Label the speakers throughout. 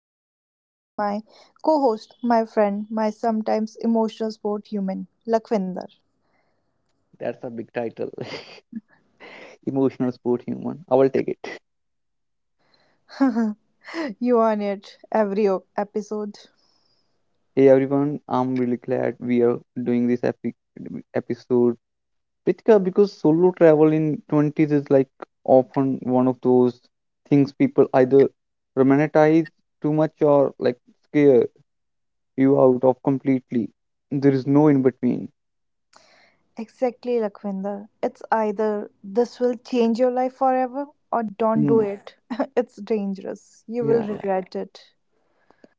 Speaker 1: always, is my co host, my friend, my sometimes emotional sport human, Lakwinder.
Speaker 2: That's a big title. Emotional sport human. I will take it.
Speaker 1: you on it every episode.
Speaker 2: Hey everyone, I'm really glad we are doing this epic episode, Pritika, because solo travel in 20s is often one of those things people either romanticize too much or scare you out of completely. There is no in between.
Speaker 1: Exactly, Lakwinder. It's either this will change your life forever or don't do
Speaker 2: Hmm.
Speaker 1: it. It's dangerous. You will
Speaker 2: Yeah, yeah.
Speaker 1: regret it.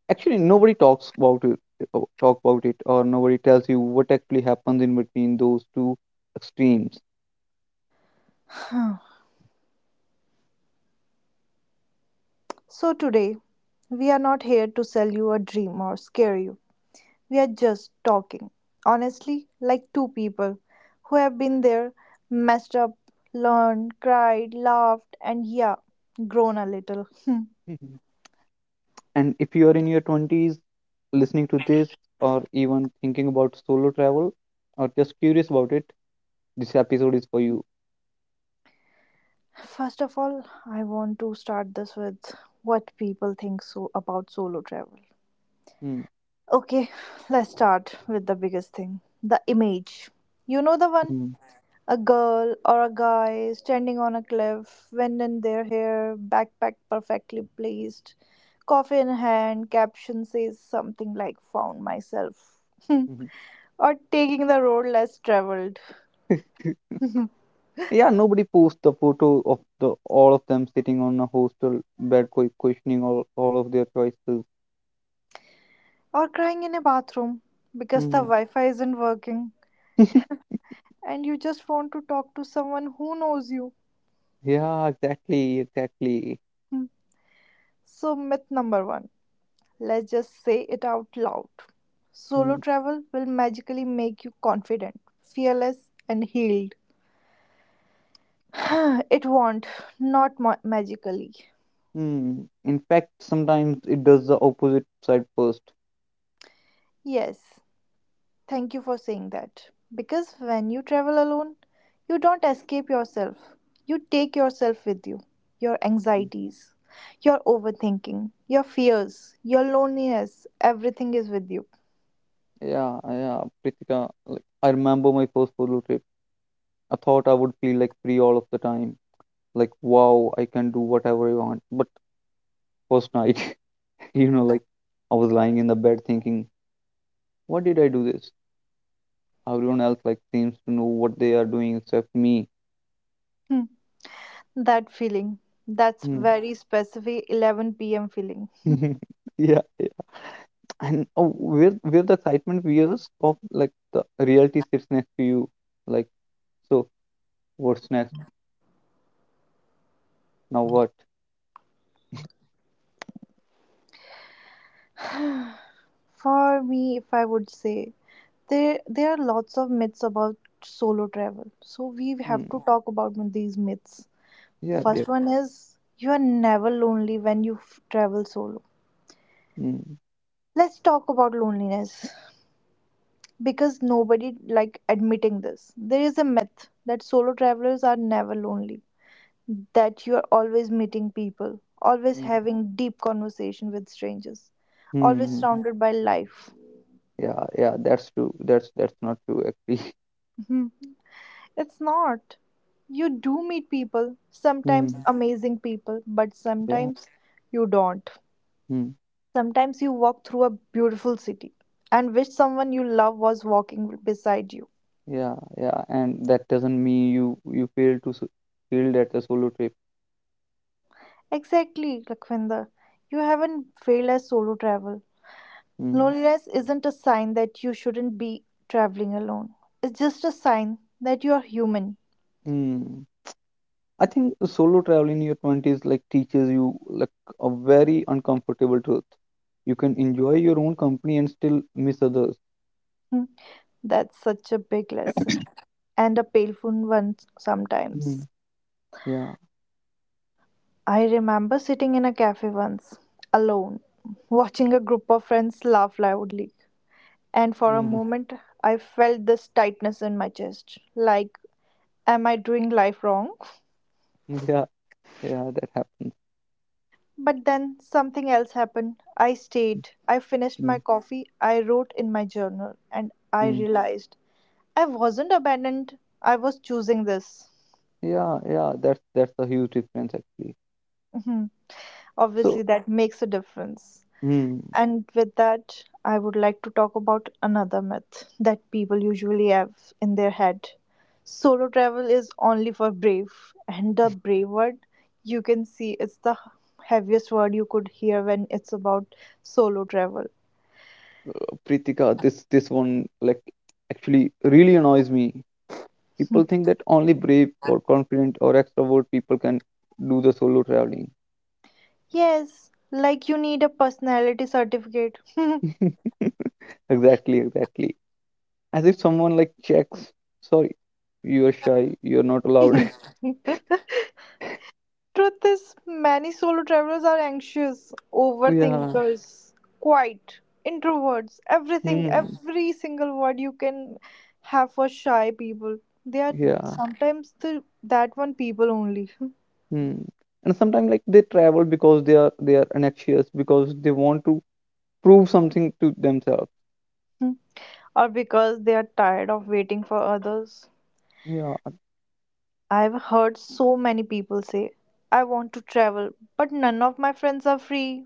Speaker 2: Actually, nobody talks about it, or nobody tells you what actually happens in between those two extremes.
Speaker 1: So, today, we are not here to sell you a dream or scare you. We are just talking, honestly, like two people who have been there, messed up, learned, cried, laughed, and yeah, grown a little.
Speaker 2: Mhm. And if you are in your 20s listening to this, or even thinking about solo travel, or just curious about it, this episode is for you.
Speaker 1: First of all, I want to start this with what people think so about solo travel.
Speaker 2: Mm.
Speaker 1: Okay, let's start with the biggest thing, the image. You know the one.
Speaker 2: Mm.
Speaker 1: A girl or a guy standing on a cliff, wind in their hair, backpack perfectly placed, coffee in hand, caption says something like found myself.
Speaker 2: Mhm.
Speaker 1: Or taking the road less traveled.
Speaker 2: Yeah, nobody posts the photo of the all of them sitting on a hostel bed, questioning all of their choices.
Speaker 1: Or crying in a bathroom because the
Speaker 2: Mm.
Speaker 1: Wi Fi isn't working and you just want to talk to someone who knows you.
Speaker 2: Yeah, exactly, exactly.
Speaker 1: Hmm. So, myth number one, let's just say it out loud. Solo
Speaker 2: Mm.
Speaker 1: travel will magically make you confident, fearless, and healed. It won't, not magically.
Speaker 2: Mm. In fact, sometimes it does the opposite side first.
Speaker 1: Yes, thank you for saying that. Because when you travel alone, you don't escape yourself. You take yourself with you, your anxieties, your overthinking, your fears, your loneliness, everything is with you.
Speaker 2: Yeah, yeah, Pritika. Like, I remember my first solo trip. I thought I would feel free all of the time. Like, wow, I can do whatever I want. But first night, you know, like I was lying in the bed thinking, what did I do this? Everyone else seems to know what they are doing except me.
Speaker 1: Hmm, that feeling, that's
Speaker 2: Hmm.
Speaker 1: very specific 11 p.m. feeling.
Speaker 2: Yeah, yeah. And oh, where the excitement veers of the reality sits next to you. Like, so what's next? Now what?
Speaker 1: For me, if I would say, there are lots of myths about solo travel. So we have
Speaker 2: Mm.
Speaker 1: to talk about these myths.
Speaker 2: Yep,
Speaker 1: First
Speaker 2: yep.
Speaker 1: one is, you are never lonely when you travel solo.
Speaker 2: Mm.
Speaker 1: Let's talk about loneliness because nobody like admitting this. There is a myth that solo travelers are never lonely, that you are always meeting people, always
Speaker 2: Mm.
Speaker 1: having deep conversation with strangers, always
Speaker 2: Mm.
Speaker 1: surrounded by life.
Speaker 2: Yeah, yeah, that's true. That's not true actually.
Speaker 1: Mhm. It's not. You do meet people, sometimes
Speaker 2: Hmm.
Speaker 1: amazing people, but
Speaker 2: Yeah.
Speaker 1: sometimes you don't.
Speaker 2: Hmm.
Speaker 1: Sometimes you walk through a beautiful city and wish someone you love was walking beside you.
Speaker 2: Yeah, yeah, and that doesn't mean you failed at the solo trip.
Speaker 1: Exactly, Lakhvinder. You haven't failed as solo travel.
Speaker 2: Hmm.
Speaker 1: Loneliness isn't a sign that you shouldn't be traveling alone. It's just a sign that you are human.
Speaker 2: Hmm. I think the solo travel in your 20s teaches you a very uncomfortable truth. You can enjoy your own company and still miss others.
Speaker 1: Hmm, that's such a big lesson and a painful one
Speaker 2: Hmm.
Speaker 1: sometimes.
Speaker 2: Yeah.
Speaker 1: I remember sitting in a cafe once, alone, watching a group of friends laugh loudly. And for
Speaker 2: Mm.
Speaker 1: a moment, I felt this tightness in my chest like, am I doing life wrong?
Speaker 2: Yeah. Yeah, that happens.
Speaker 1: But then something else happened. I stayed. I finished
Speaker 2: Hmm.
Speaker 1: my coffee. I wrote in my journal. And I
Speaker 2: Hmm.
Speaker 1: realized I wasn't abandoned. I was choosing this.
Speaker 2: Yeah, yeah, that's a huge difference actually.
Speaker 1: Mhm. Obviously,
Speaker 2: So,
Speaker 1: that makes a difference.
Speaker 2: hmm.
Speaker 1: And with that, I would like to talk about another myth that people usually have in their head. Solo travel is only for brave, and the brave word, you can see it's the heaviest word you could hear when it's about solo travel.
Speaker 2: Pritika, this one actually really annoys me. People think that only brave or confident or extrovert people can do the solo traveling.
Speaker 1: Yes, like you need a personality certificate.
Speaker 2: Exactly, exactly. As if someone checks, sorry, you are shy, you are not allowed.
Speaker 1: Truth is, many solo travelers are anxious,
Speaker 2: Yeah.
Speaker 1: overthinkers, quiet, introverts, everything,
Speaker 2: Hmm.
Speaker 1: every single word you can have for shy people. They are
Speaker 2: Yeah.
Speaker 1: sometimes the, that one people only,
Speaker 2: Hmm. And sometimes they travel because they are anxious because they want to prove something to themselves.
Speaker 1: or because they are tired of waiting for others.
Speaker 2: Yeah.
Speaker 1: I've heard so many people say, I want to travel, but none of my friends are free.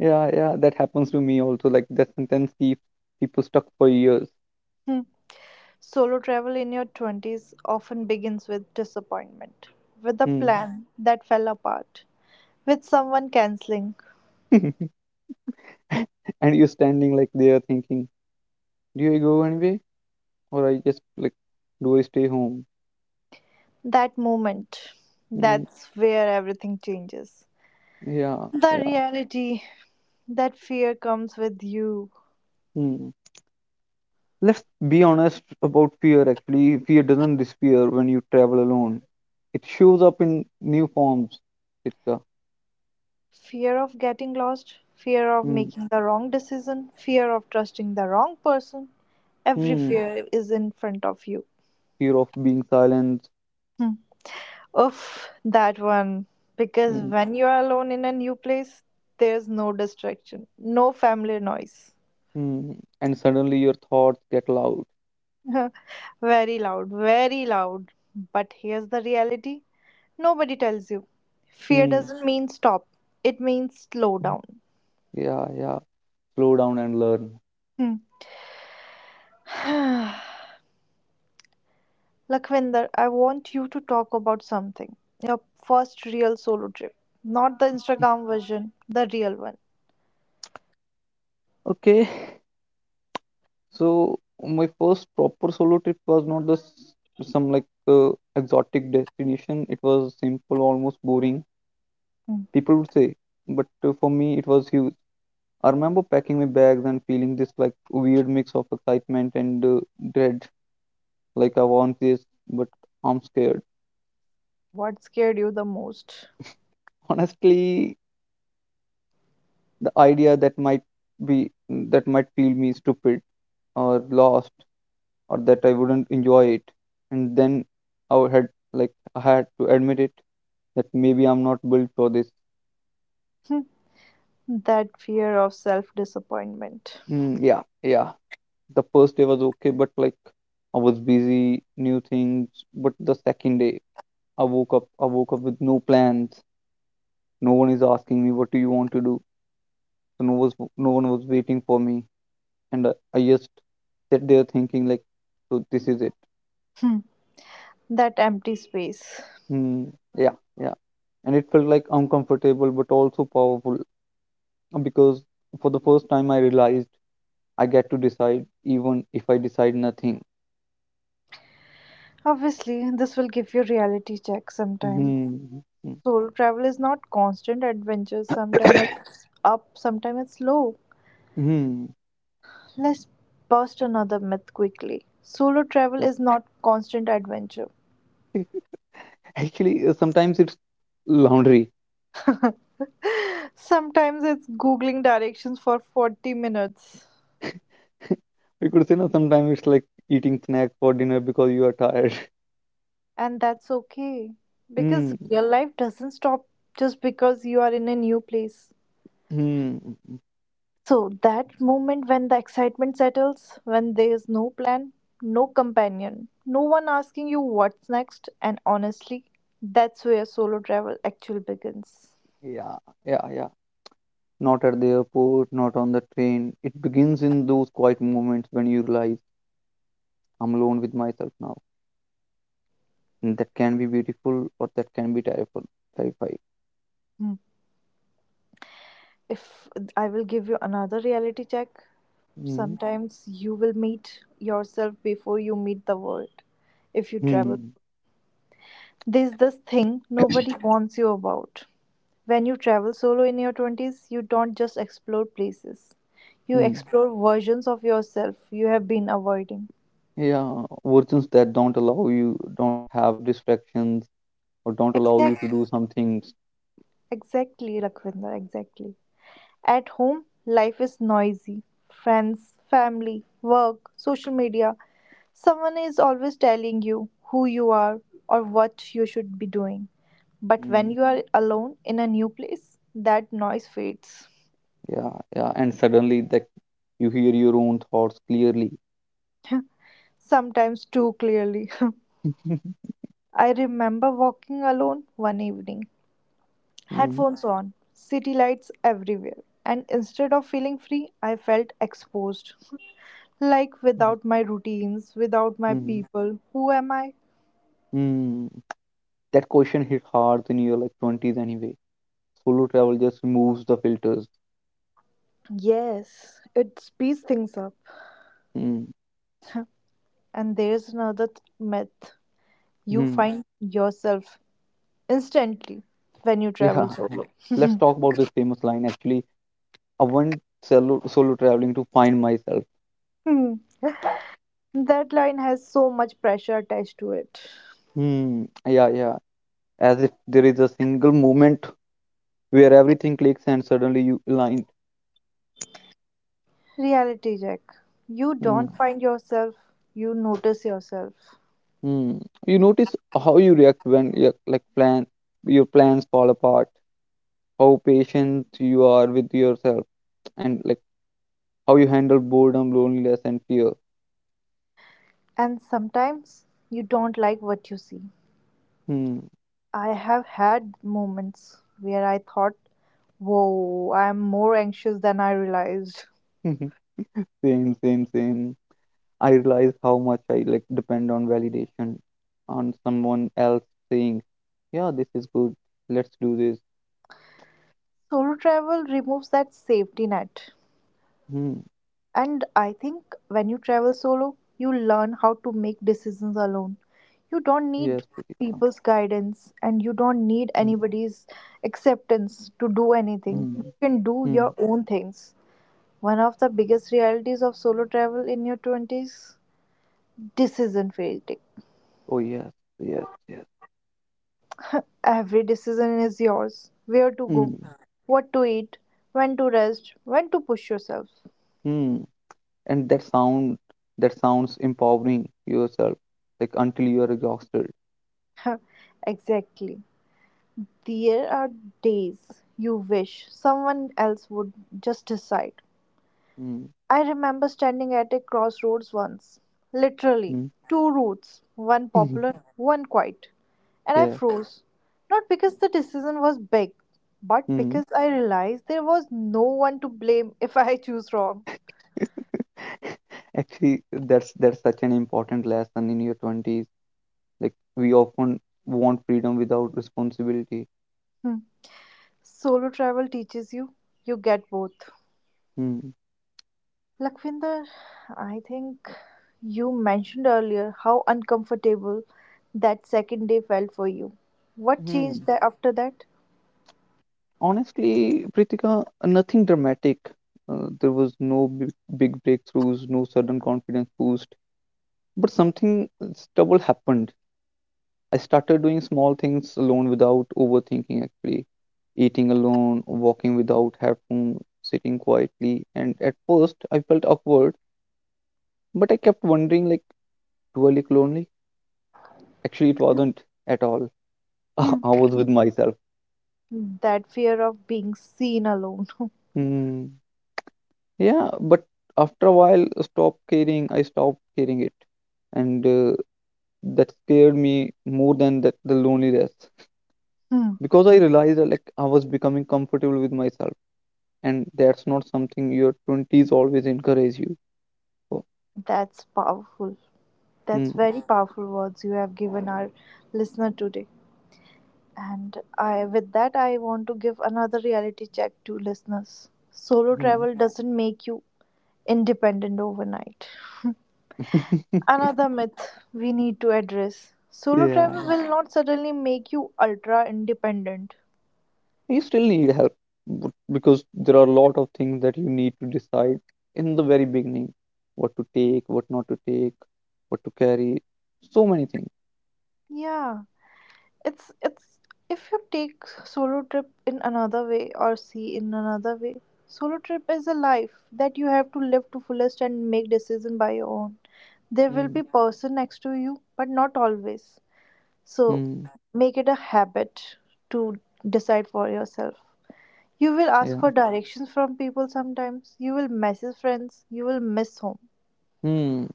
Speaker 2: Yeah, yeah, that happens to me also. Like that sentence keeps people stuck for years.
Speaker 1: Solo travel in your 20s often begins with disappointment, with a
Speaker 2: Hmm.
Speaker 1: plan that fell apart, with someone canceling.
Speaker 2: And you're standing there thinking, do I go anyway? Or I just do I stay home?
Speaker 1: That moment,
Speaker 2: Hmm.
Speaker 1: that's where everything changes.
Speaker 2: Yeah,
Speaker 1: The
Speaker 2: yeah.
Speaker 1: reality, that fear comes with you,
Speaker 2: Hmm. Let's be honest about fear actually. Fear doesn't disappear when you travel alone. It shows up in new forms. It's a
Speaker 1: fear of getting lost, fear of
Speaker 2: hmm.
Speaker 1: making the wrong decision, fear of trusting the wrong person. Every
Speaker 2: Hmm.
Speaker 1: fear is in front of you.
Speaker 2: Fear of being silent.
Speaker 1: Hmm. Oof, that one. Because
Speaker 2: Hmm.
Speaker 1: when you are alone in a new place, there's no distraction, no family noise.
Speaker 2: Hmm. And suddenly your thoughts get loud.
Speaker 1: Very loud, very loud. But here's the reality nobody tells you. Fear
Speaker 2: Hmm.
Speaker 1: doesn't mean stop, it means slow down.
Speaker 2: Yeah, yeah. Slow down and learn.
Speaker 1: Hmm. Lakhvinder, I want you to talk about something. Your first real solo trip. Not the Instagram version, the real one.
Speaker 2: Okay, so my first proper solo trip was not the some exotic destination. It was simple, almost boring. People would say, but for me it was huge. I remember packing my bags and feeling this weird mix of excitement and dread. Like I want this, but I'm scared.
Speaker 1: What scared you the most?
Speaker 2: Honestly, the idea that might be that might feel me stupid or lost or that I wouldn't enjoy it. And then I had to admit it that maybe I'm not built for this.
Speaker 1: That fear of self disappointment,
Speaker 2: Mm, yeah, yeah. The first day was okay, but I was busy, new things. But the second day, I woke up with no plans. No one is asking me what do you want to do. So no one was waiting for me, and I just sat there thinking so this is it.
Speaker 1: that empty space.
Speaker 2: Mm, yeah, yeah. And it felt uncomfortable, but also powerful because for the first time I realized I get to decide even if I decide nothing.
Speaker 1: Obviously, this will give you reality check sometime.
Speaker 2: Hmm.
Speaker 1: Solo travel is not constant adventure. Sometimes
Speaker 2: Hmm.
Speaker 1: it's up, sometimes it's low.
Speaker 2: Hmm.
Speaker 1: Let's bust another myth quickly. Solo travel
Speaker 2: Yeah.
Speaker 1: is not constant adventure.
Speaker 2: Actually, sometimes it's laundry.
Speaker 1: Sometimes it's googling directions for 40 minutes.
Speaker 2: We could say no. Sometimes it's eating snack for dinner because you are tired.
Speaker 1: And that's okay because
Speaker 2: Hmm.
Speaker 1: real life doesn't stop just because you are in a new place.
Speaker 2: Hmm.
Speaker 1: So that moment when the excitement settles, when there is no plan, no companion, no one asking you what's next, and honestly, that's where solo travel actually begins.
Speaker 2: Yeah. Yeah. Yeah. Not at the airport. Not on the train. It begins in those quiet moments when you realize I'm alone with myself now, and that can be beautiful or that can be terrifying.
Speaker 1: Hmm. If I will give you another reality check, sometimes you will meet yourself before you meet the world. If you travel,
Speaker 2: Hmm.
Speaker 1: there's this thing nobody warns you about. When you travel solo in your 20s, you don't just explore places, you
Speaker 2: Hmm.
Speaker 1: explore versions of yourself you have been avoiding.
Speaker 2: Yeah, versions that don't allow you, don't have distractions, or don't allow you to do
Speaker 1: Exact,
Speaker 2: some things.
Speaker 1: exactly, Lakhvinder, exactly. At home, life is noisy, friends, family, work, social media. Someone is always telling you who you are or what you should be doing. But when
Speaker 2: Mm.
Speaker 1: you are alone in a new place, that noise fades.
Speaker 2: Yeah, yeah, and suddenly that you hear your own thoughts clearly.
Speaker 1: Sometimes too clearly. I remember walking alone one evening,
Speaker 2: Mm.
Speaker 1: headphones on, city lights everywhere, and instead of feeling free, I felt exposed. Like without my routines, without my
Speaker 2: Mm.
Speaker 1: people, who am I?
Speaker 2: Mm. That question hit hard in your twenties anyway. Solo travel just removes the filters.
Speaker 1: Yes, it speeds things up.
Speaker 2: Mm.
Speaker 1: And there's another myth, you
Speaker 2: Mm.
Speaker 1: find yourself instantly when you
Speaker 2: Yeah,
Speaker 1: travel
Speaker 2: yeah.
Speaker 1: solo.
Speaker 2: Let's talk about this famous line. Actually, I went solo traveling to find myself.
Speaker 1: Hmm, that line has so much pressure attached to it.
Speaker 2: Hmm. Yeah, yeah. As if there is a single moment where everything clicks and suddenly you align.
Speaker 1: Reality check. You
Speaker 2: Mm,
Speaker 1: don't find yourself, you notice yourself.
Speaker 2: mm. You notice how you react when your plans fall apart, how patient you are with yourself, and how you handle boredom, loneliness, and fear.
Speaker 1: And sometimes you don't like what you see.
Speaker 2: Hmm.
Speaker 1: I have had moments where I thought, whoa, I'm more anxious than I realized.
Speaker 2: Same, same, same. I realize how much I depend on validation, on someone else saying, "Yeah, this is good. Let's do this."
Speaker 1: Solo travel removes that safety net.
Speaker 2: Hmm.
Speaker 1: And I think when you travel solo, you learn how to make decisions alone. You
Speaker 2: Yes,
Speaker 1: don't need
Speaker 2: Pritika.
Speaker 1: people's guidance and you don't
Speaker 2: Hmm.
Speaker 1: need anybody's acceptance to do
Speaker 2: Hmm.
Speaker 1: anything. You can do
Speaker 2: Hmm.
Speaker 1: your own things. One of the biggest realities of solo travel in your 20s, decision fatigue.
Speaker 2: Oh yes, yes, yes.
Speaker 1: Every decision is yours. Where to go,
Speaker 2: Mm,
Speaker 1: what to eat, when to rest, when to push yourself.
Speaker 2: mm. And that sounds empowering yourself, until you are exhausted.
Speaker 1: Exactly. There are days you wish someone else would just decide.
Speaker 2: Mm,
Speaker 1: I remember standing at a crossroads once, literally,
Speaker 2: mm.
Speaker 1: two routes, one popular, one quiet, and I
Speaker 2: Yeah.
Speaker 1: froze. Not because the decision was big, but
Speaker 2: Mm.
Speaker 1: because I realized there was no one to blame if I choose wrong.
Speaker 2: Actually, that's such an important lesson in your twenties. Like we often want freedom without responsibility.
Speaker 1: Hmm. Solo travel teaches you, you get both.
Speaker 2: Hmm.
Speaker 1: Lakvinder, I think you mentioned earlier how uncomfortable that second day felt for you. What changed
Speaker 2: Hmm.
Speaker 1: that after that?
Speaker 2: Honestly, Pritika, nothing dramatic. There was no big breakthroughs, no sudden confidence boost, but something stubble happened. I started doing small things alone without overthinking, actually. Eating alone, walking without headphones, sitting quietly. And at first, I felt awkward, but I kept wondering, like, do I look lonely? Actually, it wasn't at all. I
Speaker 1: Hmm.
Speaker 2: was with myself.
Speaker 1: That fear of being seen alone.
Speaker 2: Hmm. Yeah, but after a while, I stopped caring. I stopped caring it. And that scared me more than that, the loneliness.
Speaker 1: Hmm.
Speaker 2: Because I realized that, like, I was becoming comfortable with myself and that's not something your 20s always encourage you for.
Speaker 1: That's powerful.
Speaker 2: Mm,
Speaker 1: That's very powerful words you have given our listener today. And I, with that, I want to give another reality check to listeners. Solo
Speaker 2: mm.
Speaker 1: travel doesn't make you independent overnight.
Speaker 2: Yeah,
Speaker 1: Another myth we need to address, solo travel
Speaker 2: yeah.
Speaker 1: will not suddenly make you ultra independent.
Speaker 2: You still need help because there are a lot of things that you need to decide in the very beginning: what to take, what not to take, what to carry, so many things.
Speaker 1: Yeah, it's if you take solo trip in another way or see in another way. Solo trip is a life that you have to live to fullest and make decision by your own. There will
Speaker 2: Mm,
Speaker 1: be person next to you, but not always. So
Speaker 2: mm,
Speaker 1: make it a habit to decide for yourself. You will ask
Speaker 2: yeah.
Speaker 1: for directions from people sometimes. You will message friends. You will miss home.
Speaker 2: Hmm.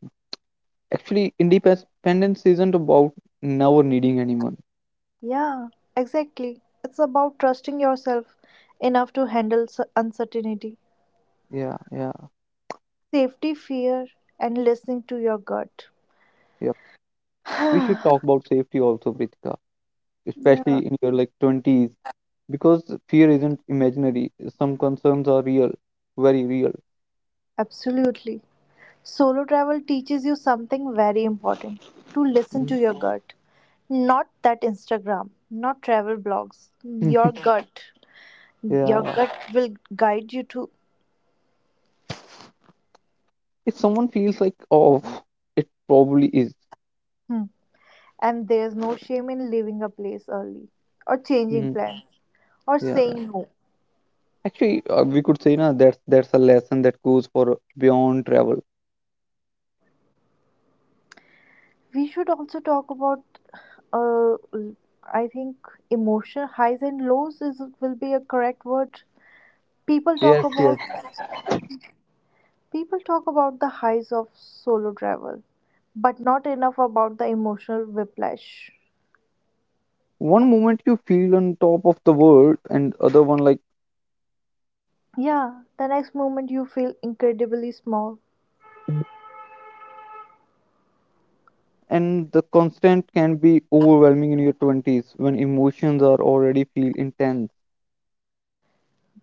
Speaker 2: Actually, independence isn't about never needing anyone.
Speaker 1: Yeah, exactly. It's about trusting yourself enough to handle uncertainty,
Speaker 2: Yeah, yeah,
Speaker 1: safety, fear, and listening to your gut.
Speaker 2: yeah. We should talk about safety also, Pritika,
Speaker 1: Yeah,
Speaker 2: especially in your 20s, because fear isn't imaginary. Some concerns are real, very real.
Speaker 1: absolutely. Solo travel teaches you something very important, to listen to
Speaker 2: Mm.
Speaker 1: your gut. Not that Instagram, not travel blogs. Your gut. Your
Speaker 2: Yeah,
Speaker 1: gut will guide you to.
Speaker 2: if someone feels like oh, it probably is.
Speaker 1: Hmm, and there's no shame in leaving a place early or changing
Speaker 2: Hmm.
Speaker 1: plans or
Speaker 2: Yeah, yeah.
Speaker 1: saying no.
Speaker 2: Actually, we could say now that's a lesson that goes for beyond travel.
Speaker 1: We should also talk about, uh, I think, emotion highs and lows is will be a correct word. People talk
Speaker 2: Yes, yes.
Speaker 1: about people talk about the highs of solo travel, but not enough about the emotional whiplash.
Speaker 2: One moment you feel on top of the world and other one like,
Speaker 1: Yeah, the next moment you feel incredibly small.
Speaker 2: and the constant can be overwhelming in your 20s when emotions are already feel intense.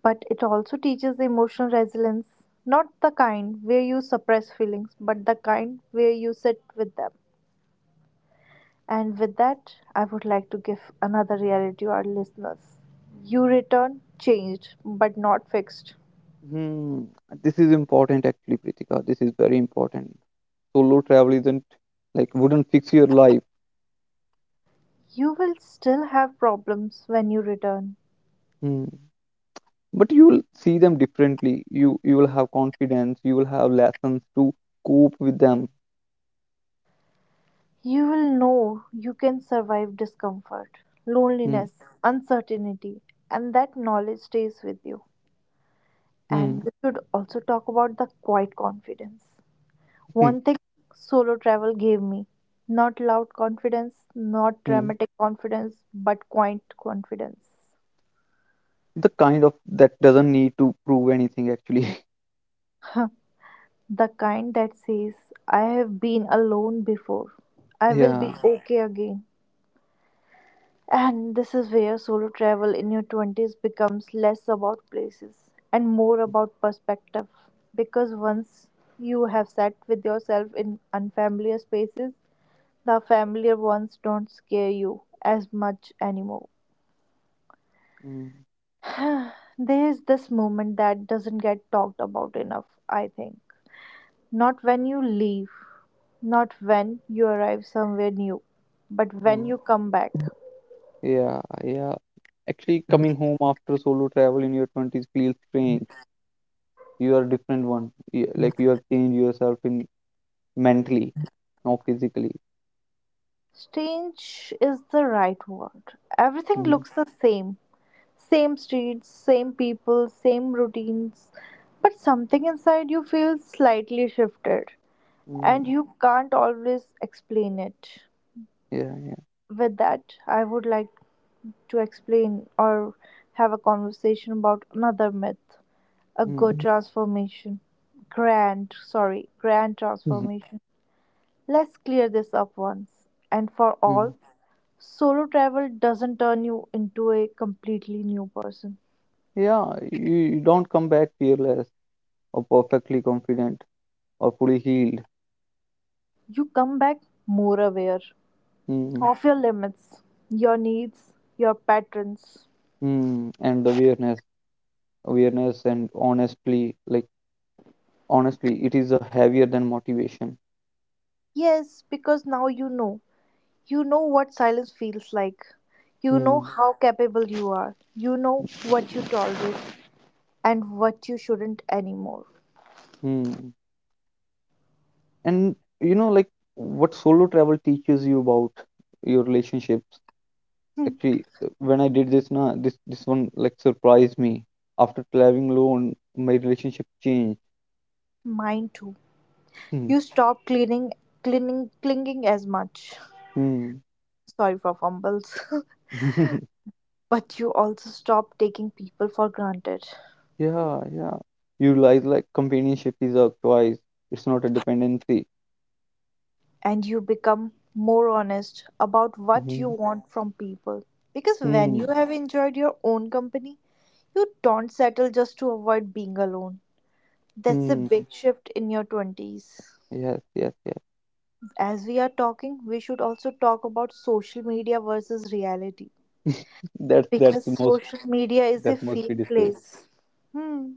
Speaker 1: But it also teaches emotional resilience, not the kind where you suppress feelings, but the kind where you sit with them. And with that, I would like to give another reality to our listeners. You return changed, but not fixed.
Speaker 2: Hmm. This is important actually, Pritika. This is very important. Solo travel isn't wouldn't fix your life.
Speaker 1: You will still have problems when you return.
Speaker 2: Hmm. But you will see them differently. You will have confidence, you will have lessons to cope with them.
Speaker 1: You will know you can survive discomfort,
Speaker 2: Hmm.
Speaker 1: loneliness, uncertainty, and that knowledge stays with you.
Speaker 2: Hmm.
Speaker 1: And we should also talk about the quiet confidence.
Speaker 2: Hmm.
Speaker 1: One thing solo travel gave me, not loud confidence, not
Speaker 2: Hmm.
Speaker 1: dramatic confidence, but quiet confidence.
Speaker 2: The kind of that doesn't need to prove anything actually.
Speaker 1: The kind that says, I have been alone before, I will
Speaker 2: Yeah.
Speaker 1: be okay again. And this is where solo travel in your 20s becomes less about places and more about perspective. Because once you have sat with yourself in unfamiliar spaces, the familiar ones don't scare you as much anymore.
Speaker 2: Hmm.
Speaker 1: There's this moment that doesn't get talked about enough, I think. Not when you leave, not when you arrive somewhere new, but when
Speaker 2: Hmm.
Speaker 1: you come back.
Speaker 2: Yeah, yeah, actually coming home after solo travel in your 20s feels strange. You are a different one. Y- like you have changed yourself in mentally not physically
Speaker 1: Strange is the right word. Everything
Speaker 2: Hmm.
Speaker 1: looks the same. Same streets, same people, same routines. But something inside you feels slightly shifted,
Speaker 2: Hmm.
Speaker 1: and you can't always explain it.
Speaker 2: yeah yeah
Speaker 1: With that, I would like to explain or have a conversation about another myth, a
Speaker 2: Hmm.
Speaker 1: good transformation, grand sorry grand
Speaker 2: Mhm,
Speaker 1: transformation Let's clear this up once and for all.
Speaker 2: mhm.
Speaker 1: Solo travel doesn't turn you into a completely new person.
Speaker 2: Yeah, you don't come back fearless or perfectly confident or fully healed.
Speaker 1: You come back more aware
Speaker 2: Mm,
Speaker 1: of your limits, your needs, your patterns.
Speaker 2: mm. And the awareness, awareness, and honestly, it is a heavier than motivation.
Speaker 1: Yes, because now you know. You know what silence feels like. You know
Speaker 2: Mm,
Speaker 1: how capable you are. You know what you tolerate and what you shouldn't anymore.
Speaker 2: mm. And you know, like what solo travel teaches you about your relationships.
Speaker 1: Hmm.
Speaker 2: Actually, when I did this, na this one surprised me. After traveling alone, my relationship changed.
Speaker 1: Mine too.
Speaker 2: Mm,
Speaker 1: You stop clinging as much.
Speaker 2: mm.
Speaker 1: Sorry for fumbles. But you also stop taking people for granted.
Speaker 2: Yeah, yeah. You realize companionship is a choice. It's not a dependency.
Speaker 1: And you become more honest about what you
Speaker 2: Mm-hmm.
Speaker 1: want from people. Because when
Speaker 2: Hmm.
Speaker 1: you have enjoyed your own company, you don't settle just to avoid being alone. That's a
Speaker 2: Hmm.
Speaker 1: big shift in your 20s.
Speaker 2: Yes, yes,
Speaker 1: As we are talking, we should also talk about social media versus reality,
Speaker 2: yes. That's
Speaker 1: because
Speaker 2: the most
Speaker 1: social media is a
Speaker 2: that must be
Speaker 1: fake
Speaker 2: discussed.
Speaker 1: place. Hmm.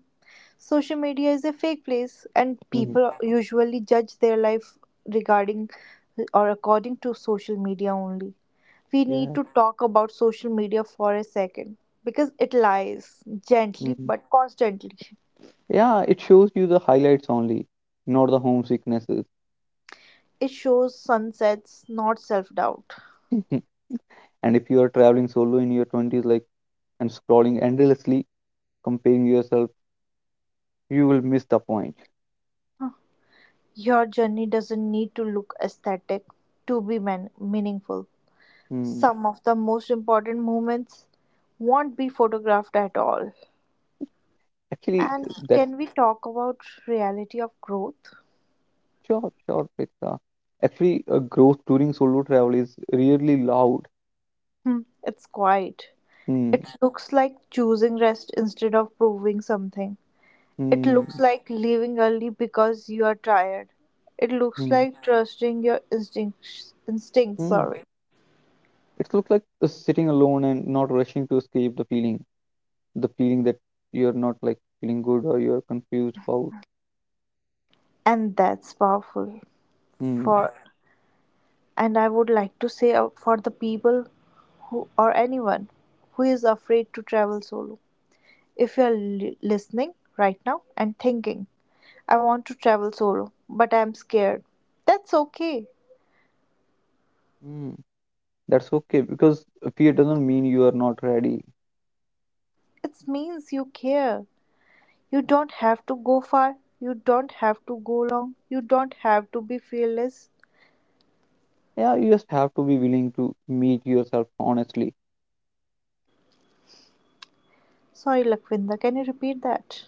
Speaker 1: Social media is a fake place, and
Speaker 2: Hmm.
Speaker 1: people usually judge their life regarding or according to social media only. We need
Speaker 2: Yeah.
Speaker 1: to talk about social media for a second, because it lies gently
Speaker 2: Hmm.
Speaker 1: but constantly.
Speaker 2: Yeah, it shows you the highlights only, not the homesicknesses.
Speaker 1: It shows sunsets, not self doubt.
Speaker 2: And if you are traveling solo in your twenties, and scrolling endlessly, comparing yourself, you will miss the point.
Speaker 1: Your journey doesn't need to look aesthetic to be meaningful.
Speaker 2: Hmm.
Speaker 1: Some of the most important moments won't be photographed at all.
Speaker 2: Actually,
Speaker 1: And
Speaker 2: that's
Speaker 1: can we talk about reality of growth?
Speaker 2: sure, sure, Pritika. Actually, a growth during solo travel is really loud.
Speaker 1: Hmm, it's quiet.
Speaker 2: Hmm,
Speaker 1: It looks like choosing rest instead of proving something. It
Speaker 2: hmm,
Speaker 1: looks like leaving early because you are tired. It looks
Speaker 2: hmm,
Speaker 1: like trusting your instincts. Instincts,
Speaker 2: hmm.
Speaker 1: sorry,
Speaker 2: It looks like sitting alone and not rushing to escape the feeling that you're not feeling good or you're confused about.
Speaker 1: And that's powerful.
Speaker 2: Hmm,
Speaker 1: For And I would like to say out for the people who, or anyone who is afraid to travel solo. If you are listening right now and thinking, I want to travel solo, but I am scared. That's okay.
Speaker 2: hmm. That's okay because fear doesn't mean you are not ready.
Speaker 1: It means you care. You don't have to go far. You don't have to go long. You don't have to be fearless.
Speaker 2: Yeah, you just have to be willing to meet yourself honestly.
Speaker 1: Sorry, Lakvinda, can you repeat that?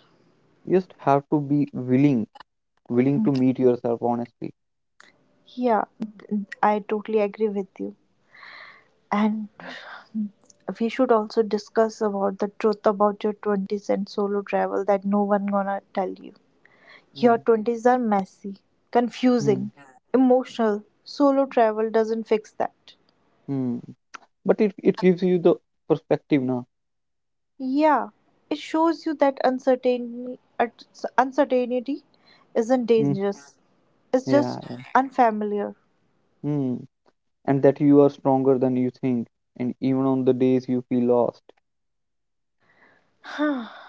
Speaker 2: You just have to be willing to meet yourself honestly.
Speaker 1: Yeah, I totally agree with you. And we should also discuss about the truth about your 20s and solo travel that no one gonna tell you.
Speaker 2: Hmm,
Speaker 1: Your 20s are messy,
Speaker 2: hmm,
Speaker 1: confusing, emotional. Solo travel doesn't fix that.
Speaker 2: hmm. But it gives you the perspective now.
Speaker 1: Yeah, it shows you that uncertainty isn't
Speaker 2: Mm,
Speaker 1: dangerous, it's
Speaker 2: yeah,
Speaker 1: just
Speaker 2: yeah.
Speaker 1: unfamiliar.
Speaker 2: Mm, and that you are stronger than you think and even on the days you feel lost.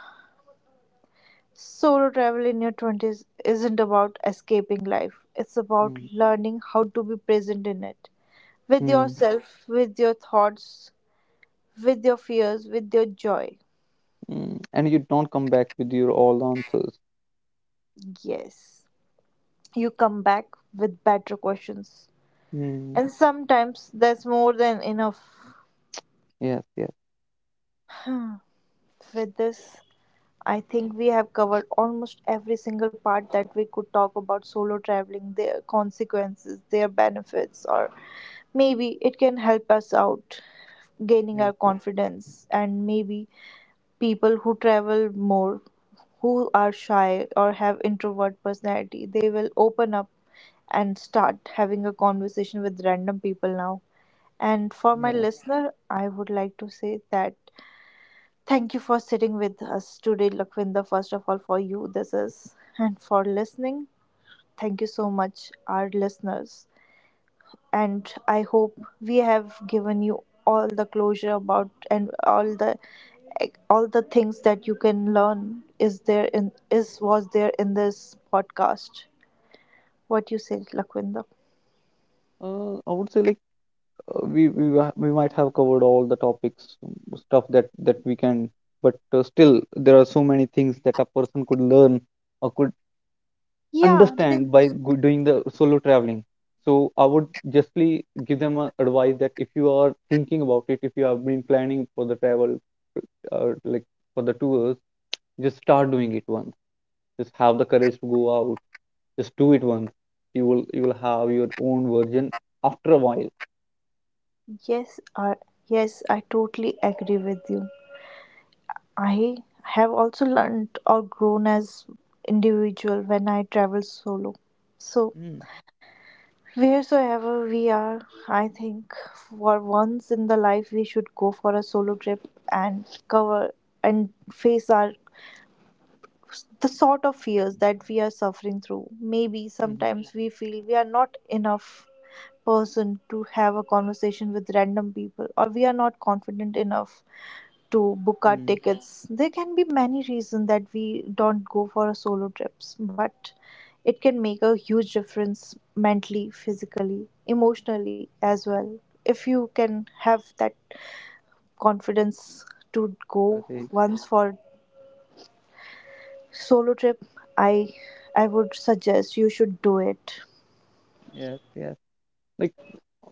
Speaker 1: Solo travel in your 20s isn't about escaping life, it's about
Speaker 2: Mm,
Speaker 1: learning how to be present in it. With
Speaker 2: mm,
Speaker 1: yourself, with your thoughts, with your fears, with your joy.
Speaker 2: mm, and you don't come back with your all answers.
Speaker 1: Yes, you come back with better questions.
Speaker 2: Mm,
Speaker 1: And sometimes that's more than enough.
Speaker 2: yes, yes,
Speaker 1: With this, I think we have covered almost every single part that we could talk about solo traveling, their consequences, their benefits, or maybe it can help us out gaining
Speaker 2: yes,
Speaker 1: our
Speaker 2: yes,
Speaker 1: confidence, and maybe people who travel more, who are shy or have introvert personality, they will open up and start having a conversation with random people now. And for my
Speaker 2: yeah.
Speaker 1: listener, I would like to say that thank you for sitting with us today, Lakvinda. First of all, for you, this is, and for listening, thank you so much, our listeners. And I hope we have given you all the closure about and all the, like, all the things that you can learn is there in, is was there in this podcast. What you say, Lakwinda?
Speaker 2: I would say like we might have covered all the topics, mm, stuff that we can, but still there are so many things that a person could learn or could
Speaker 1: Yeah,
Speaker 2: understand by doing the solo traveling. So I would justly give them a advice that if you are thinking about it, if you have been planning for the travel, uh, like for the tours, just start doing it once. Just have the courage to go out. Just do it once. You will have your own version after a while.
Speaker 1: yes. Uh, yes, I totally agree with you. I have also learned or grown as individual when I travel solo. So
Speaker 2: Mm,
Speaker 1: wheresoever we are, I think for once in the life we should go for a solo trip, and cover and face our, the sort of fears that we are suffering through. Maybe
Speaker 2: mm,
Speaker 1: sometimes we feel we are not enough person to have a conversation with random people, or we are not confident enough to book our
Speaker 2: mm.
Speaker 1: tickets. There can be many reasons that we don't go for a solo trips, but it can make a huge difference mentally, physically, emotionally as well. If you can have that confidence to go
Speaker 2: Correct.
Speaker 1: once for solo trip, I I would suggest you should do it.
Speaker 2: Yes, yes.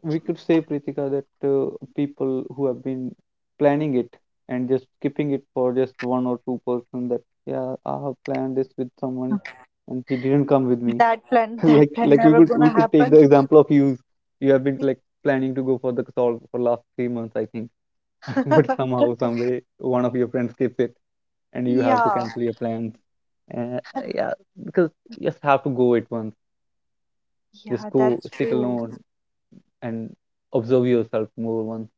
Speaker 2: We could say, Pritika, that people who have been planning it and just skipping it for just one or two person, that yeah, I have planned this with someone and he didn't come with me.
Speaker 1: That plan,
Speaker 2: like
Speaker 1: that plan
Speaker 2: like
Speaker 1: never
Speaker 2: we
Speaker 1: gonna
Speaker 2: could take
Speaker 1: happen.
Speaker 2: the example of you. You have been like planning to go for the solve for last 3 months, I think. But somehow some way one of your friends skips it and you have to
Speaker 1: Yeah,
Speaker 2: cancel your plans. uh, yeah, because you just have to go it once. Just
Speaker 1: yeah,
Speaker 2: go
Speaker 1: that's
Speaker 2: sit
Speaker 1: true.
Speaker 2: alone and observe yourself more once,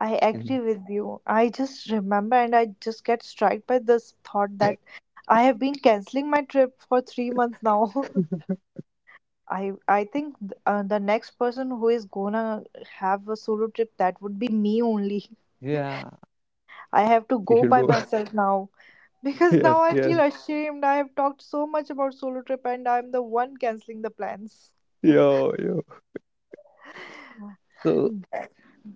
Speaker 1: I
Speaker 2: and
Speaker 1: agree with you. I just remember and I just get struck by this thought that I have been canceling my trip for three months now. I think the next person who is gonna have a solo trip, that would be me only.
Speaker 2: yeah,
Speaker 1: I have to
Speaker 2: you
Speaker 1: go
Speaker 2: should
Speaker 1: by
Speaker 2: go.
Speaker 1: myself now. Because
Speaker 2: Yes,
Speaker 1: now I
Speaker 2: yes.
Speaker 1: feel ashamed. I have talked so much about solo trip and I'm the one canceling the plans.
Speaker 2: Yo, yo. So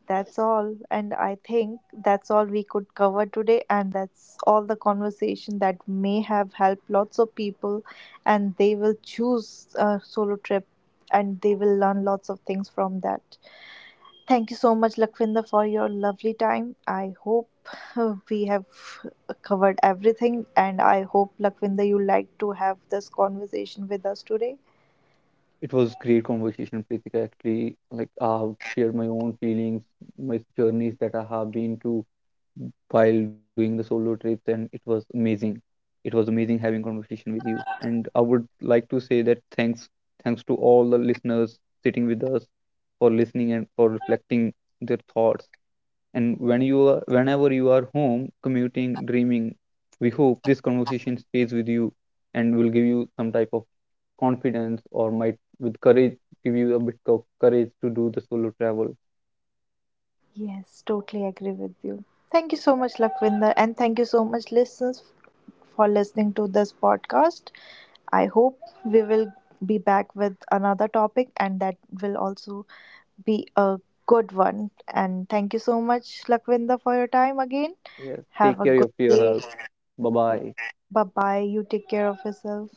Speaker 1: That's all. And I think that's all we could cover today. And that's all the conversation that may have helped lots of people. And they will choose a solo trip and they will learn lots of things from that. Thank you so much, Lakvinder, for your lovely time. I hope we have covered everything, and I hope, Lakvinder, you like to have this conversation with us today.
Speaker 2: it was great conversation, Pritika. Actually, like I've shared my own feelings, my journeys that I have been to while doing the solo trips, and it was amazing. It was amazing having conversation with you. And I would like to say that thanks to all the listeners sitting with us for listening and for reflecting their thoughts. And whenever you are home, commuting, dreaming, we hope this conversation stays with you and will give you some type of confidence or might with courage give you a bit of courage to do the solo travel.
Speaker 1: Yes, totally agree with you. Thank you so much, Lakvinder, and thank you so much, listeners, for listening to this podcast. I hope we will be back with another topic, and that will also be a good one. And thank you so much, Lakvinder, for your time again.
Speaker 2: Yes.
Speaker 1: Have
Speaker 2: Take
Speaker 1: a
Speaker 2: care
Speaker 1: good
Speaker 2: of
Speaker 1: day.
Speaker 2: yourself. Bye bye.
Speaker 1: Bye bye. You take care of yourself.